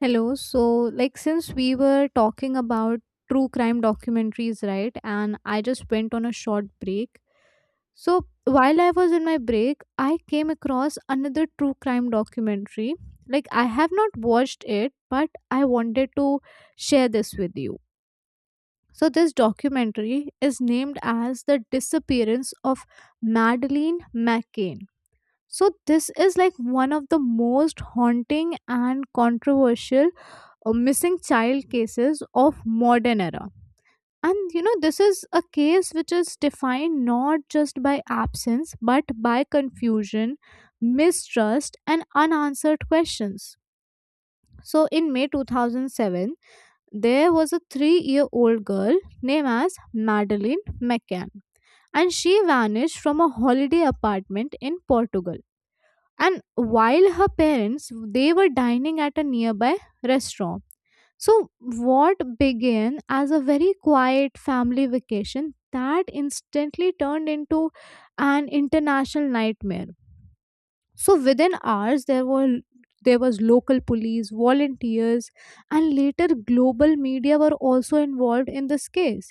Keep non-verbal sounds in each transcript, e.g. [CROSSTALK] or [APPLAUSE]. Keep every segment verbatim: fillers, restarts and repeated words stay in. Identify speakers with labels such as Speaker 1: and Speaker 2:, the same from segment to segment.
Speaker 1: Hello. So, like, since we were talking about true crime documentaries, right? And I just went on a short break. So, while I was in my break, I came across another true crime documentary. Like, I have not watched it, but I wanted to share this with you. So, this documentary is named as The Disappearance of Madeleine McCain. So this is like one of the most haunting and controversial uh, missing child cases of modern era. And you know this is a case which is defined not just by absence but by confusion, mistrust and unanswered questions. So in May two thousand seven there was a three year old girl named as Madeline McCann, and she vanished from a holiday apartment in Portugal, and while her parents they were dining at a nearby restaurant. So what began as a very quiet family vacation that instantly turned into an international nightmare. So within hours there were there was local police volunteers and later global media were also involved in this case,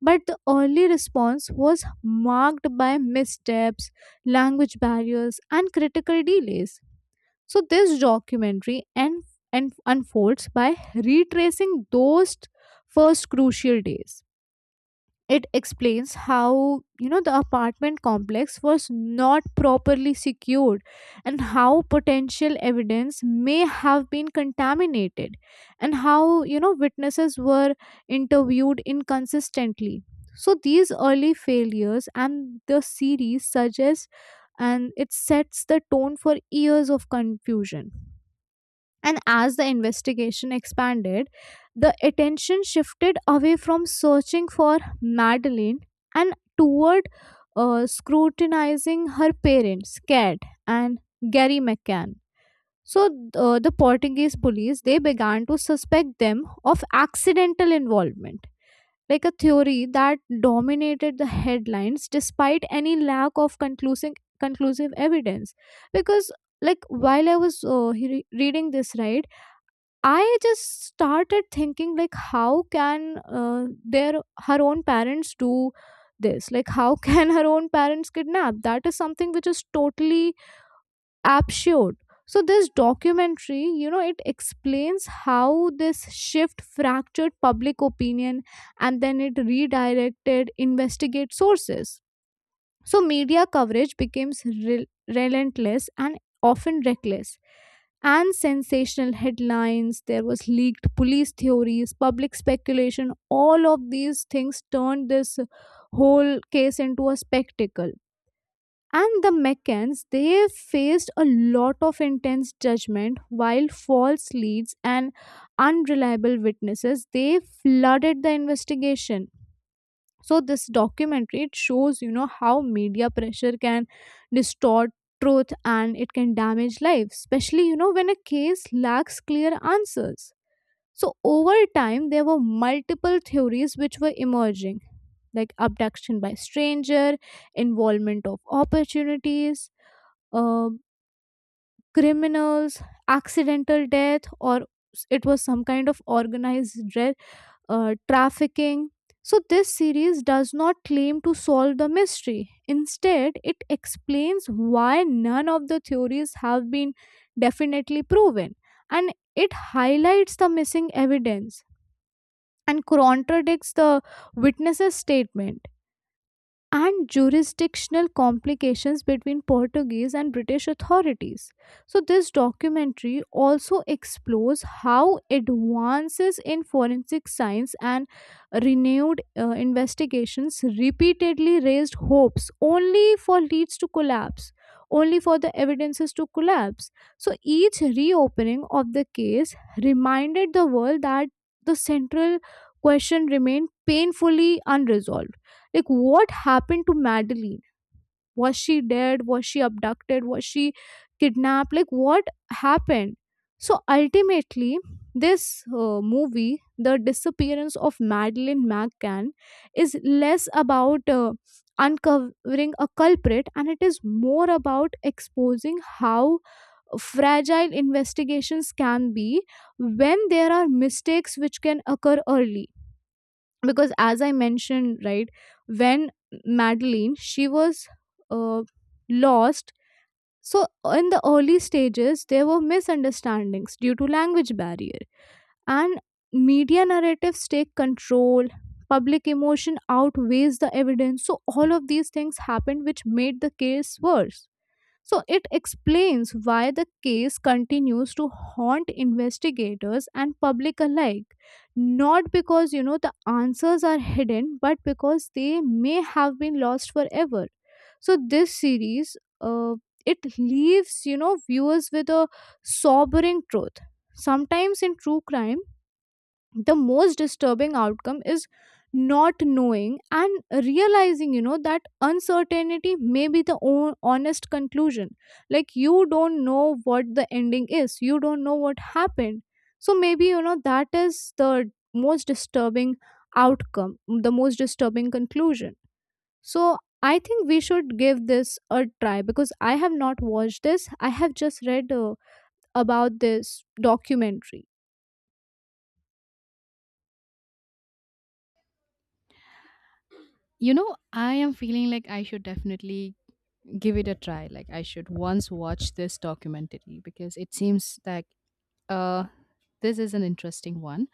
Speaker 1: but the early response was marked by missteps, language barriers and critical delays. So this documentary and, and unfolds by retracing those first crucial days. It explains how you know the apartment complex was not properly secured, and how potential evidence may have been contaminated, and how you know witnesses were interviewed inconsistently. So these early failures, and the series suggests, and it sets the tone for years of confusion. And as the investigation expanded, the attention shifted away from searching for Madeline and toward uh, scrutinizing her parents, Cat and Gary McCann. So uh, the Portuguese police they began to suspect them of accidental involvement, like a theory that dominated the headlines despite any lack of conclusive conclusive evidence. Because like while I was uh, he- reading this, right, I just started thinking, like how can uh, their her own parents do this? Like how [LAUGHS] can her own parents kidnap? That is something which is totally absurd. So this documentary, you know, it explains how this shift fractured public opinion and then it redirected investigate sources. So media coverage becomes rel- relentless and often reckless. And sensational headlines, there was leaked police theories, public speculation, all of these things turned this whole case into a spectacle. And the McCanns, they faced a lot of intense judgment while false leads and unreliable witnesses, they flooded the investigation. So this documentary it shows you know how media pressure can distort truth, and it can damage lives, especially you know when a case lacks clear answers. So over time there were multiple theories which were emerging, like abduction by stranger, involvement of opportunities, uh, criminals, accidental death, or it was some kind of organized dre- uh, trafficking. So, this series does not claim to solve the mystery. Instead, it explains why none of the theories have been definitely proven, and it highlights the missing evidence, and contradicts the witness's statement, and jurisdictional complications between Portuguese and British authorities. So, this documentary also explores how advances in forensic science and renewed uh, investigations repeatedly raised hopes only for leads to collapse, only for the evidences to collapse. So, each reopening of the case reminded the world that the central question remained painfully unresolved. Like, what happened to Madeline? Was she dead? Was she abducted? Was she kidnapped? Like, what happened? So, ultimately, this uh, movie, The Disappearance of Madeline McCann, is less about uh, uncovering a culprit, and it is more about exposing how fragile investigations can be when there are mistakes which can occur early. Because as I mentioned, right, when Madeline she was uh, lost. So in the early stages there were misunderstandings due to language barrier, and media narratives take control, public emotion outweighs the evidence, so all of these things happened which made the case worse. So it explains why the case continues to haunt investigators and public alike. Not because, you know, the answers are hidden, but because they may have been lost forever. So this series, uh, it leaves, you know, viewers with a sobering truth. Sometimes in true crime, the most disturbing outcome is not knowing, and realizing you know that uncertainty may be the o- honest conclusion. Like, you don't know what the ending is, you don't know what happened. So maybe you know that is the most disturbing outcome, the most disturbing conclusion. So I think we should give this a try because I have not watched this, I have just read uh, about this documentary.
Speaker 2: You know, I am feeling like I should definitely give it a try. Like I should once watch this documentary because it seems like uh, this is an interesting one.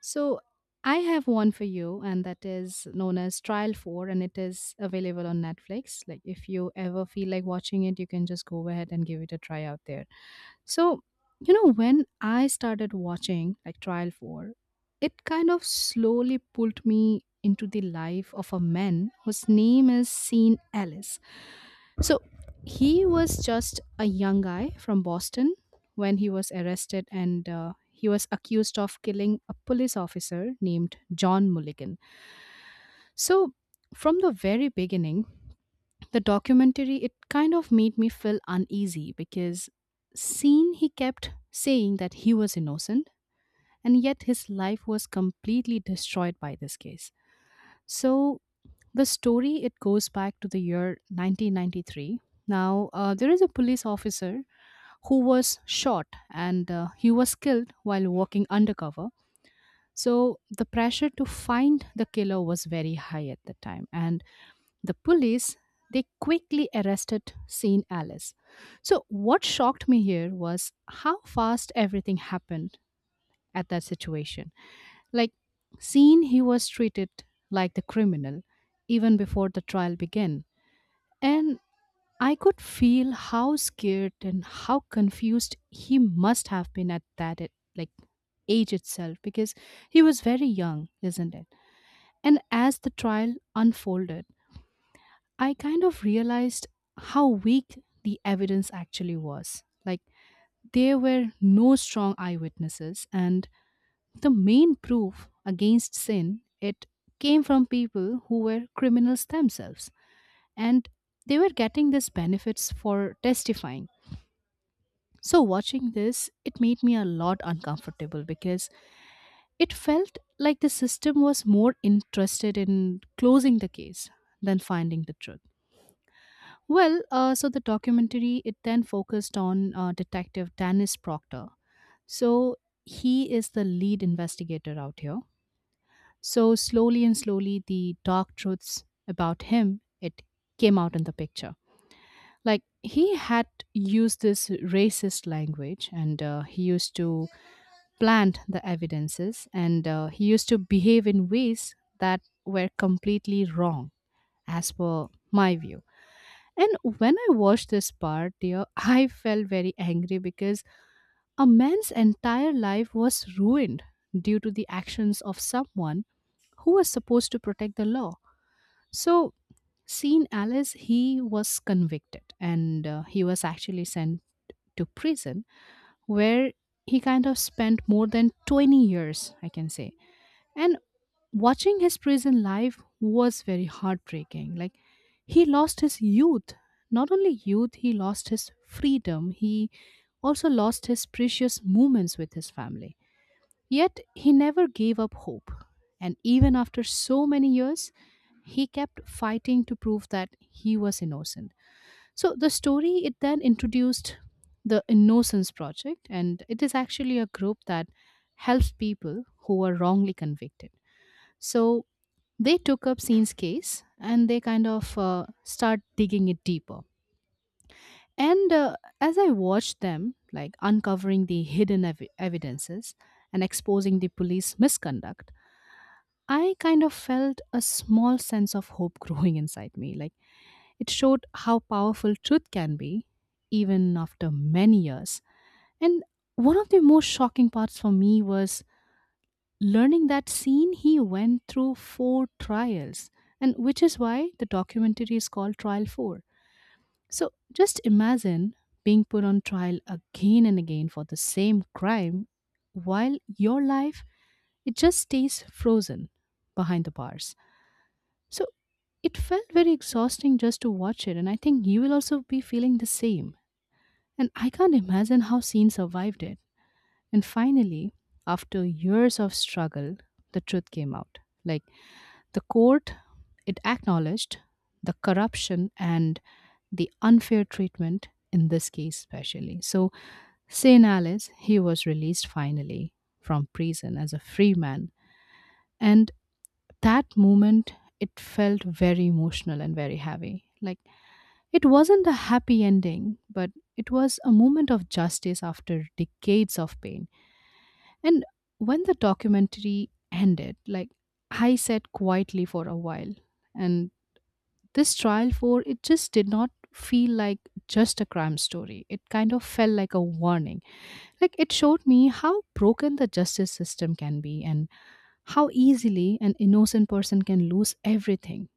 Speaker 2: So, I have one for you, and that is known as Trial four, and it is available on Netflix. Like, if you ever feel like watching it, you can just go ahead and give it a try out there. So, you know, when I started watching like Trial four, it kind of slowly pulled me into the life of a man whose name is Sean Ellis. So, he was just a young guy from Boston when he was arrested and uh, he was accused of killing a police officer named John Mulligan. So, from the very beginning, the documentary it kind of made me feel uneasy because seen he kept saying that he was innocent and yet his life was completely destroyed by this case. So, the story it goes back to the year nineteen ninety-three. Now, uh, there is a police officer who was shot and uh, he was killed while working undercover. So the pressure to find the killer was very high at the time, and the police they quickly arrested Saint Alice. So what shocked me here was how fast everything happened at that situation. Like Saint, he was treated like the criminal even before the trial began, and I could feel how scared and how confused he must have been at that a- like age itself because he was very young, isn't it? And as the trial unfolded, I kind of realized how weak the evidence actually was. Like there were no strong eyewitnesses and the main proof against sin it came from people who were criminals themselves and they were getting these benefits for testifying. So, watching this, it made me a lot uncomfortable because it felt like the system was more interested in closing the case than finding the truth. Well, uh, so the documentary it then focused on uh, Detective Dennis Proctor. So, he is the lead investigator out here. So, slowly and slowly, the dark truths about him it came out in the picture. Like he had used this racist language, and uh, he used to planned the evidences, and uh, he used to behave in ways that were completely wrong, as per my view. And when I watched this part, dear, I felt very angry because a man's entire life was ruined due to the actions of someone who was supposed to protect the law. So, seeing Alice, he was convicted and uh, he was actually sent to prison where he kind of spent more than twenty years, I can say. And watching his prison life was very heartbreaking. Like he lost his youth. Not only youth, he lost his freedom. He also lost his precious moments with his family. Yet he never gave up hope. And even after so many years, he kept fighting to prove that he was innocent. So the story it then introduced the Innocence Project, and it is actually a group that helps people who are wrongly convicted. So they took up Scene's case and they kind of uh, start digging it deeper. And uh, as I watched them, like uncovering the hidden ev- evidences and exposing the police misconduct, I kind of felt a small sense of hope [LAUGHS] growing inside me. Like it showed how powerful truth can be, even after many years. And one of the most shocking parts for me was learning that scene he went through four trials, and which is why the documentary is called trial four. So just imagine being put on trial again and again for the same crime while your life it just stays frozen behind the bars. So it felt very exhausting just to watch it, and I think you will also be feeling the same. And I can't imagine how scene survived it. And finally, after years of struggle, the truth came out. Like, the court it acknowledged the corruption and the unfair treatment in this case especially. So Senales he was released finally from prison as a free man, and that moment it felt very emotional and very heavy. Like it wasn't a happy ending, but it was a moment of justice after decades of pain. And when the documentary ended, like I sat quietly for a while. And this trial for it just did not feel like just a crime story. It kind of felt like a warning. Like it showed me how broken the justice system can be and how easily an innocent person can lose everything.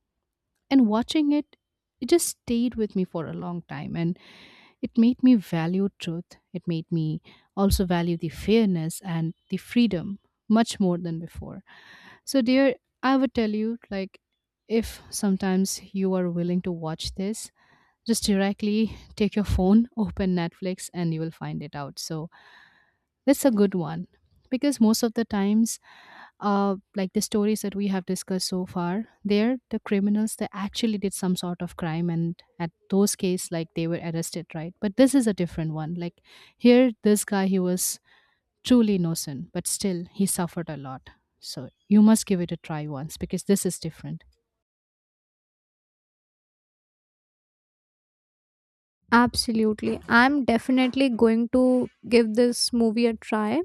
Speaker 2: And watching it, it just stayed with me for a long time, and it made me value truth. It made me also value the fairness and the freedom much more than before. So, dear, I would tell you, like, if sometimes you are willing to watch this, just directly take your phone, open Netflix, and you will find it out. So that's a good one because most of the times, uh, like the stories that we have discussed so far, they're the criminals that actually did some sort of crime, and at those cases, like they were arrested, right? But this is a different one. Like here, this guy he was truly innocent, but still he suffered a lot. So you must give it a try once because this is different.
Speaker 1: Absolutely. I'm definitely going to give this movie a try,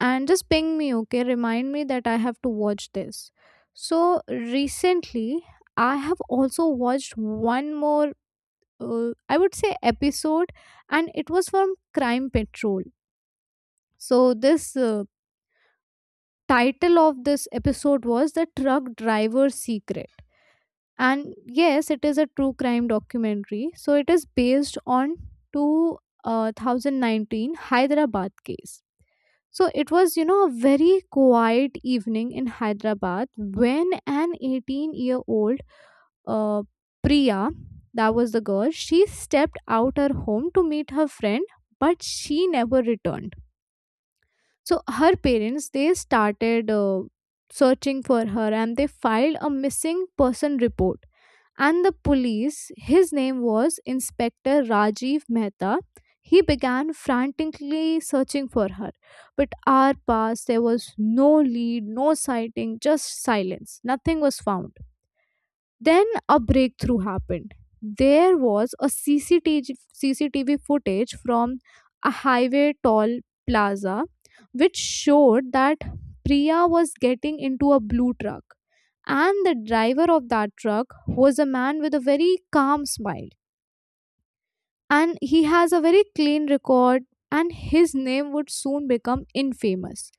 Speaker 1: and just ping me, okay? Remind me that I have to watch this. So, recently, I have also watched one more, uh, I would say, episode, and it was from Crime Patrol. So, this uh, title of this episode was The Truck Driver's Secret. And yes, it is a true crime documentary. So it is based on two thousand nineteen Hyderabad case. So it was, you know, a very quiet evening in Hyderabad when an eighteen year old uh, Priya, that was the girl, she stepped out her home to meet her friend, but she never returned. So her parents they started uh, searching for her, and they filed a missing person report, and the police. His name was Inspector Rajiv Mehta. He began frantically searching for her. But hour passed, there was no lead, no sighting, just silence. Nothing was found. Then a breakthrough happened. There was a C C T V footage from a highway toll plaza which showed that Priya was getting into a blue truck. And the driver of that truck was a man with a very calm smile. And he has a very clean record, and his name would soon become infamous.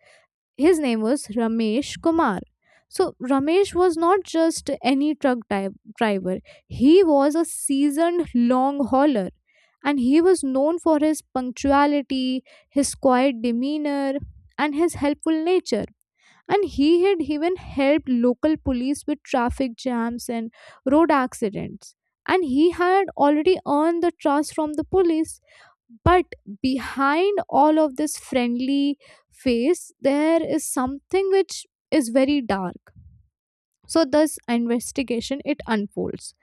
Speaker 1: His name was Ramesh Kumar. So Ramesh was not just any truck di- driver. He was a seasoned long hauler, and he was known for his punctuality, his quiet demeanor and his helpful nature. And he had even helped local police with traffic jams and road accidents. And he had already earned the trust from the police, but behind all of this friendly face there is something which is very dark. So this investigation it unfolds.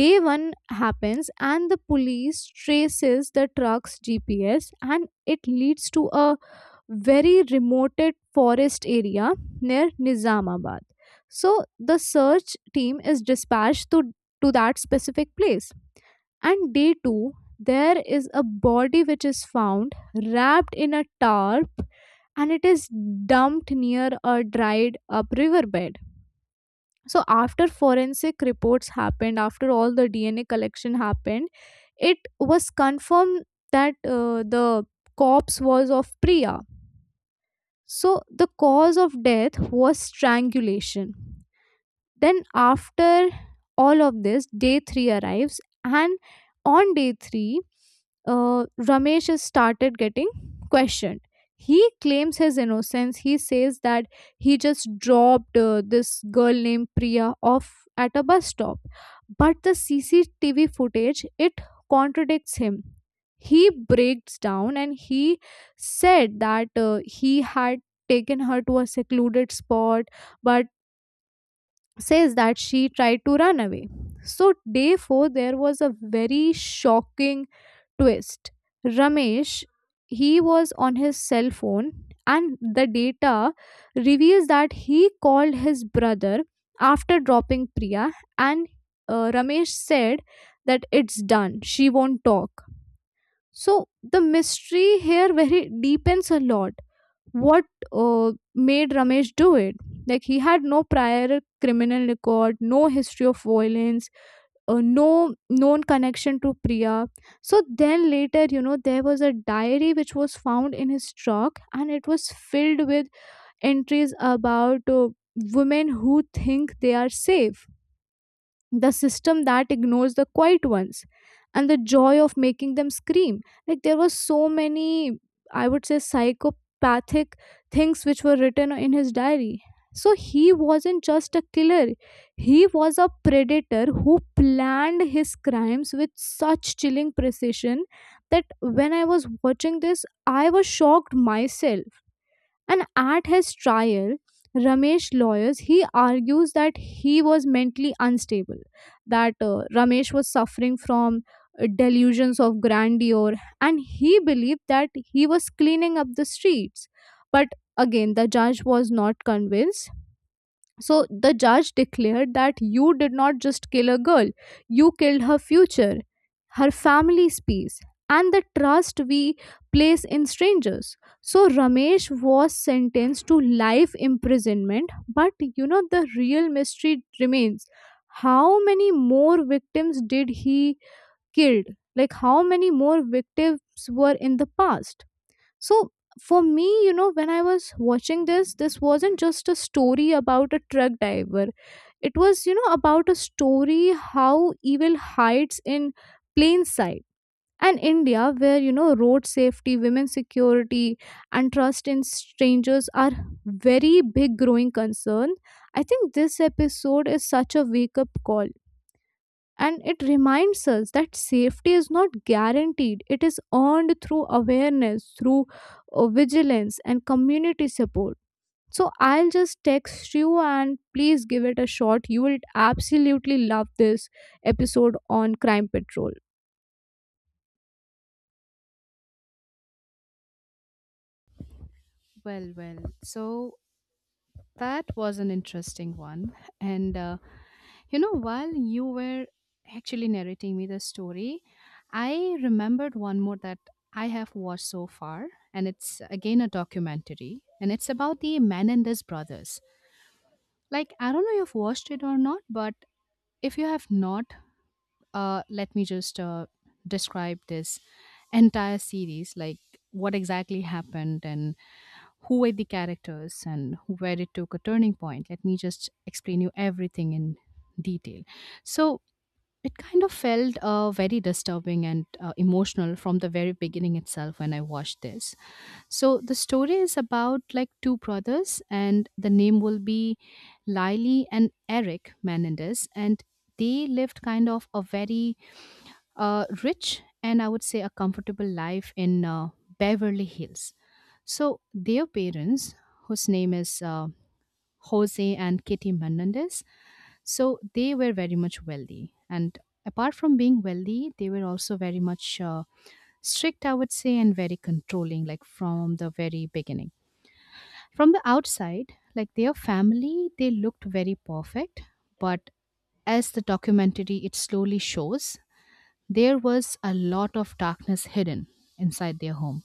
Speaker 1: Day one happens and the police traces the truck's G P S, and it leads to a very remote forest area near Nizamabad. So the search team is dispatched to to that specific place. And day two, there is a body which is found wrapped in a tarp, and it is dumped near a dried up riverbed. So, after forensic reports happened, after all the D N A collection happened, it was confirmed that uh, the corpse was of Priya. So, the cause of death was strangulation. Then, after all of this, day three arrives, and on day three, uh, Ramesh has started getting questioned. He claims his innocence. He says that he just dropped uh, this girl named Priya off at a bus stop, but the C C T V footage it contradicts him. He breaks down and he said that uh, he had taken her to a secluded spot, but says that she tried to run away. So, day four, there was a very shocking twist. Ramesh, he was on his cell phone, and the data reveals that he called his brother after dropping Priya, and uh, Ramesh said that it's done, she won't talk. So, the mystery here very deepens a lot. What uh, made Ramesh do it? Like, he had no prior criminal record, no history of violence, uh, no known connection to Priya. So then later, you know, there was a diary which was found in his truck, and it was filled with entries about uh, women who think they are safe, the system that ignores the quiet ones, and the joy of making them scream. Like there were so many, I would say, psychopathic things which were written in his diary. So he wasn't just a killer, he was a predator who planned his crimes with such chilling precision that when I was watching this I was shocked myself. And at his trial, Ramesh lawyers he argues that he was mentally unstable, that uh, Ramesh was suffering from uh, delusions of grandeur, and he believed that he was cleaning up the streets. But again, the judge was not convinced. So the judge declared that you did not just kill a girl, you killed her future, her family's peace, and the trust we place in strangers. So Ramesh was sentenced to life imprisonment, but you know the real mystery remains. How many more victims did he killed? Like how many more victims were in the past? So for me, you know, when I was watching this, this wasn't just a story about a truck driver. It was, you know, about a story how evil hides in plain sight. And India, where, you know, road safety, women's security, and trust in strangers are very big growing concern, I think this episode is such a wake up call, and it reminds us that safety is not guaranteed, it is earned through awareness, through uh, vigilance and community support. So I'll just text you, and please give it a shot. You will absolutely love this episode on Crime Patrol.
Speaker 2: Well, well. So that was an interesting one. And uh, you know, while you were actually narrating me the story, I remembered one more that I have watched so far. And it's again a documentary. And it's about the Menendez brothers. Like, I don't know if you've watched it or not, but if you have not, uh, let me just uh, describe this entire series, like what exactly happened and who were the characters and where it took a turning point. Let me just explain you everything in detail. So it kind of felt uh, very disturbing and uh, emotional from the very beginning itself when I watched this. So the story is about like two brothers, and the name will be Lily and Eric Menendez, and they lived kind of a very a rich and I would say a comfortable life in uh, Beverly Hills. So their parents, whose name is uh, Jose and Kitty Menendez, so they were very much wealthy. And apart from being wealthy, they were also very much uh, strict, I would say, and very controlling, like from the very beginning. From the outside, like their family, they looked very perfect, but as the documentary it slowly shows, there was a lot of darkness hidden inside their home.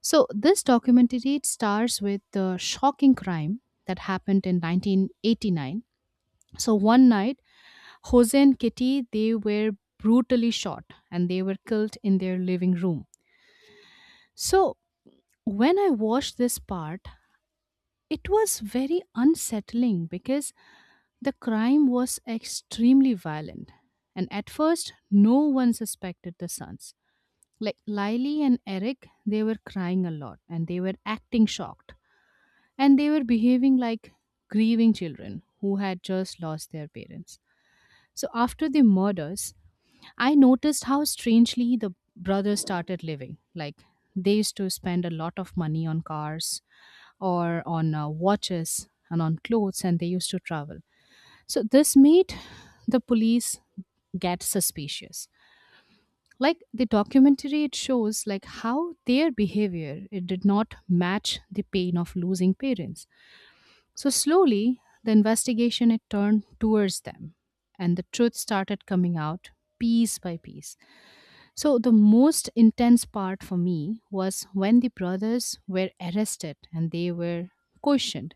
Speaker 2: So, this documentary it starts with the shocking crime that happened in nineteen eighty-nine. So, one night, Jose and Kitty they were brutally shot and they were killed in their living room. So, when I watched this part, it was very unsettling because the crime was extremely violent. And at first, no one suspected the sons. Like Lily and Eric, they were crying a lot and they were acting shocked, and they were behaving like grieving children who had just lost their parents. So after the murders, I noticed how strangely the brothers started living. Like they used to spend a lot of money on cars or on uh, watches and on clothes, and they used to travel. So this made the police get suspicious. Like the documentary it shows like how their behavior it did not match the pain of losing parents. So slowly, the investigation it turned towards them and the truth started coming out piece by piece. So the most intense part for me was when the brothers were arrested and they were questioned.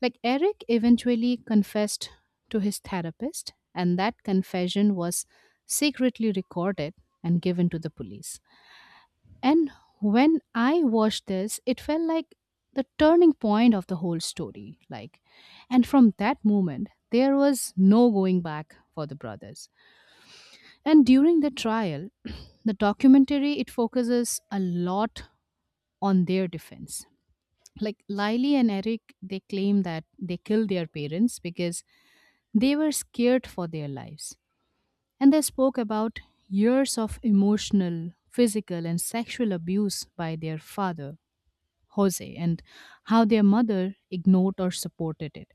Speaker 2: Like Eric eventually confessed to his therapist, and that confession was secretly recorded and given to the police. And when I watched this, it felt like the turning point of the whole story. Like, and from that moment, there was no going back for the brothers. And during the trial, [CLEARS THROAT] the documentary it focuses a lot on their defense. Like Lily and Eric, they claim that they killed their parents because they were scared for their lives. And they spoke about years of emotional, physical, and sexual abuse by their father Jose, and how their mother ignored or supported it.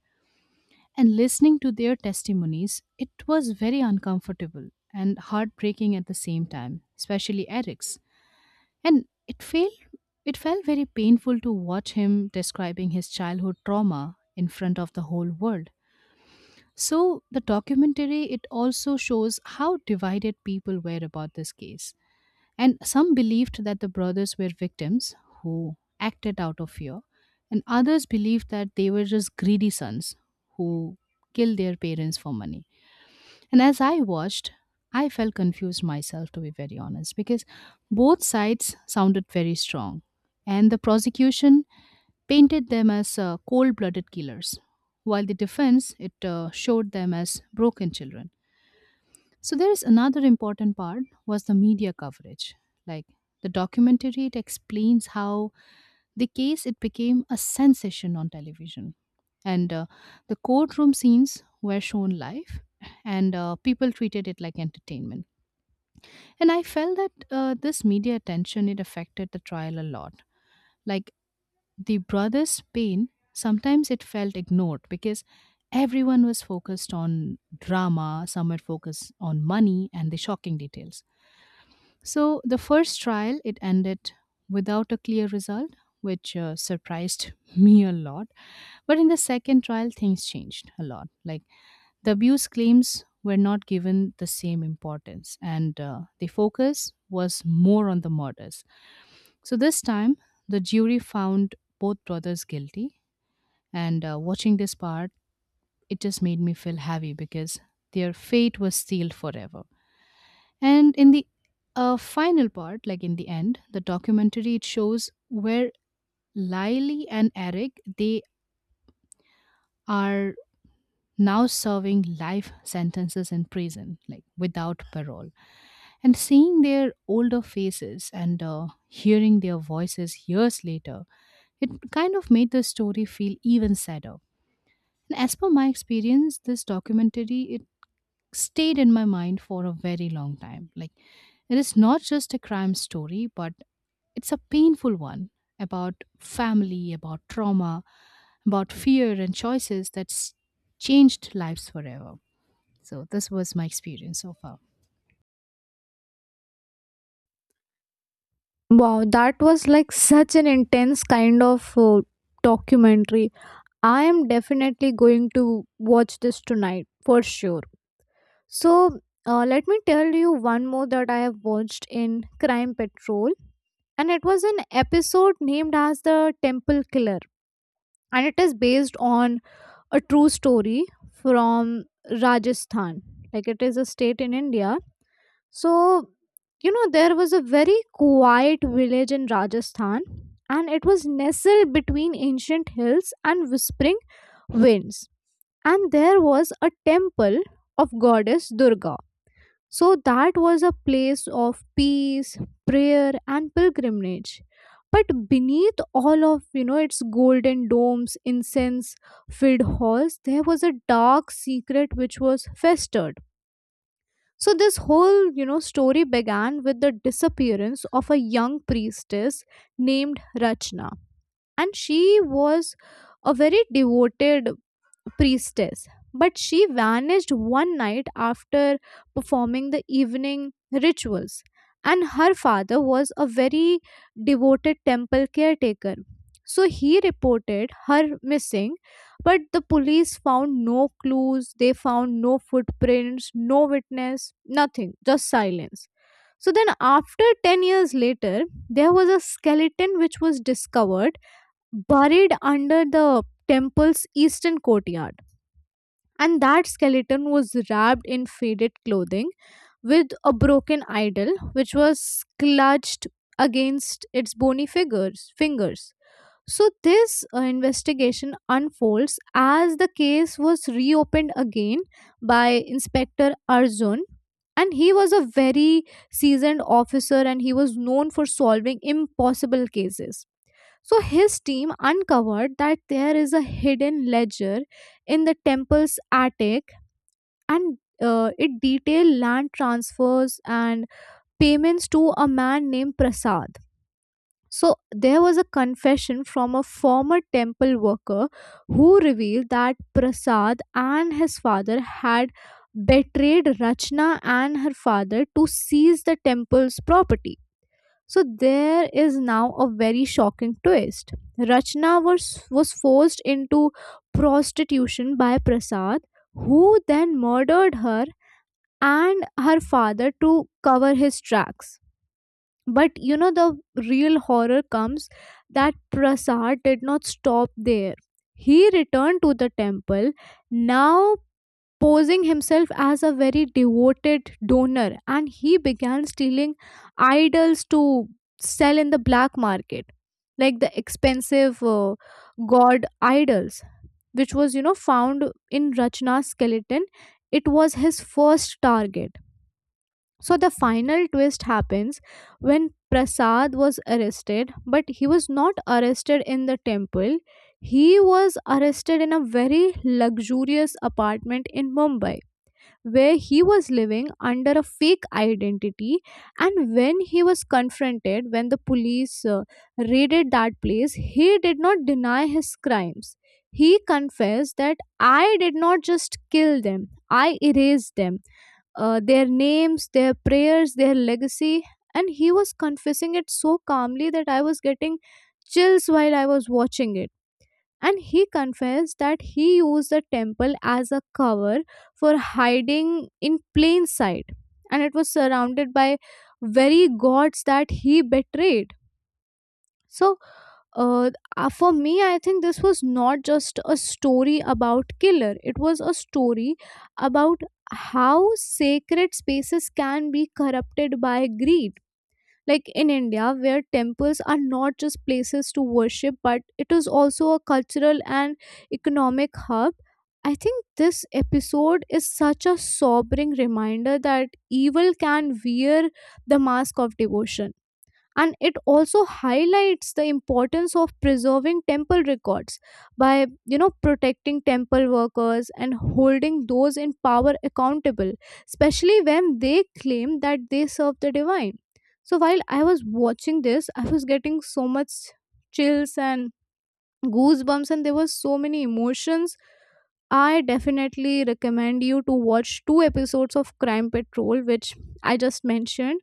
Speaker 2: And listening to their testimonies, it was very uncomfortable and heartbreaking at the same time, especially Eric's. And it felt it felt very painful to watch him describing his childhood trauma in front of the whole world. So the documentary it also shows how divided people were about this case, and some believed that the brothers were victims who acted out of fear, and others believed that they were just greedy sons who killed their parents for money. And as I watched, I felt confused myself, to be very honest, because both sides sounded very strong, and the prosecution painted them as uh, cold blooded killers, while the defense it uh, showed them as broken children. So there is another important part was the media coverage. Like the documentary, it explains how the case it became a sensation on television, and uh, the courtroom scenes were shown live, and uh, people treated it like entertainment. And I felt that uh, this media attention it affected the trial a lot. Like the brothers' pain, sometimes it felt ignored because everyone was focused on drama, some were focused on money and the shocking details. So the first trial it ended without a clear result, which uh, surprised [LAUGHS] me a lot. But in the second trial, things changed a lot. Like the abuse claims were not given the same importance, and uh, the focus was more on the murders. So this time, the jury found both brothers guilty. And uh, watching this part, it just made me feel heavy because their fate was sealed forever. And in the uh, final part, like in the end, the documentary it shows where Lily and Eric they are now serving life sentences in prison, like without parole. And seeing their older faces and uh, hearing their voices years later, it kind of made the story feel even sadder. And as per my experience, this documentary it stayed in my mind for a very long time. Like, it is not just a crime story, but it's a painful one about family, about trauma, about fear and choices that's changed lives forever. So, this was my experience so far.
Speaker 1: Wow, that was like such an intense kind of uh, documentary. I am definitely going to watch this tonight for sure. So uh, let me tell you one more that I have watched in Crime Patrol, and it was an episode named as The Temple Killer, and it is based on a true story from Rajasthan. Like, it is a state in India. So, you know, there was a very quiet village in Rajasthan, and it was nestled between ancient hills and whispering winds. And there was a temple of goddess Durga, so that was a place of peace, prayer, and pilgrimage. But beneath all of, you know, its golden domes, incense filled halls, there was a dark secret which was festered. So this whole, you know, story began with the disappearance of a young priestess named Rachna, and she was a very devoted priestess, but she vanished one night after performing the evening rituals. And her father was a very devoted temple caretaker. So he reported her missing, but the police found no clues, they found no footprints, no witness, nothing, just silence. So then, after ten years later, there was a skeleton which was discovered buried under the temple's eastern courtyard, and that skeleton was wrapped in faded clothing with a broken idol which was clutched against its bony figures fingers. So this uh, investigation unfolds as the case was reopened again by inspector Arjun, and he was a very seasoned officer, and he was known for solving impossible cases. So his team uncovered that there is a hidden ledger in the temple's attic, and uh, it detailed land transfers and payments to a man named Prasad. So there was a confession from a former temple worker who revealed that Prasad and his father had betrayed Rachna and her father to seize the temple's property. So there is now a very shocking twist. Rachna was, was forced into prostitution by Prasad, who then murdered her and her father to cover his tracks. But, you know, the real horror comes that Prasad did not stop there. He returned to the temple, now posing himself as a very devoted donor, and he began stealing idols to sell in the black market, like the expensive uh, god idols, which was, you know, found in Rachna's skeleton. It was his first target. So the final twist happens when Prasad was arrested, but he was not arrested in the temple. He was arrested in a very luxurious apartment in Mumbai, where he was living under a fake identity. And when he was confronted, when the police uh, raided that place, he did not deny his crimes. He confessed that I did not just kill them, I erased them, uh, their names, their prayers, their legacy. And he was confessing it so calmly that I was getting chills while I was watching it. And he confessed that he used the temple as a cover for hiding in plain sight. And it was surrounded by very gods that he betrayed. So uh, uh, for me, I think this was not just a story about killer. It was a story about how sacred spaces can be corrupted by greed. Like in India, where temples are not just places to worship, but it is also a cultural and economic hub. I think this episode is such a sobering reminder that evil can wear the mask of devotion, and it also highlights the importance of preserving temple records by, you know, protecting temple workers and holding those in power accountable, especially when they claim that they serve the divine. So while I was watching this, I was getting so much chills and goosebumps, and there were so many emotions. I definitely recommend you to watch two episodes of Crime Patrol, which I just mentioned.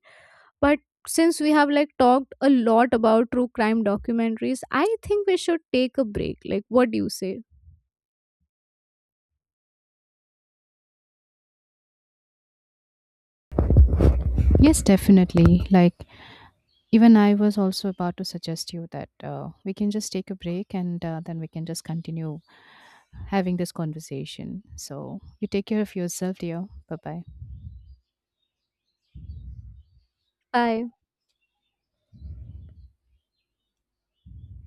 Speaker 1: But since we have like talked a lot about true crime documentaries, I think we should take a break. Like, what do you say?
Speaker 2: Yes, definitely. Like, even I was also about to suggest you that uh, we can just take a break and uh, then we can just continue having this conversation. So, you take care of yourself, dear. Bye bye.
Speaker 1: Bye.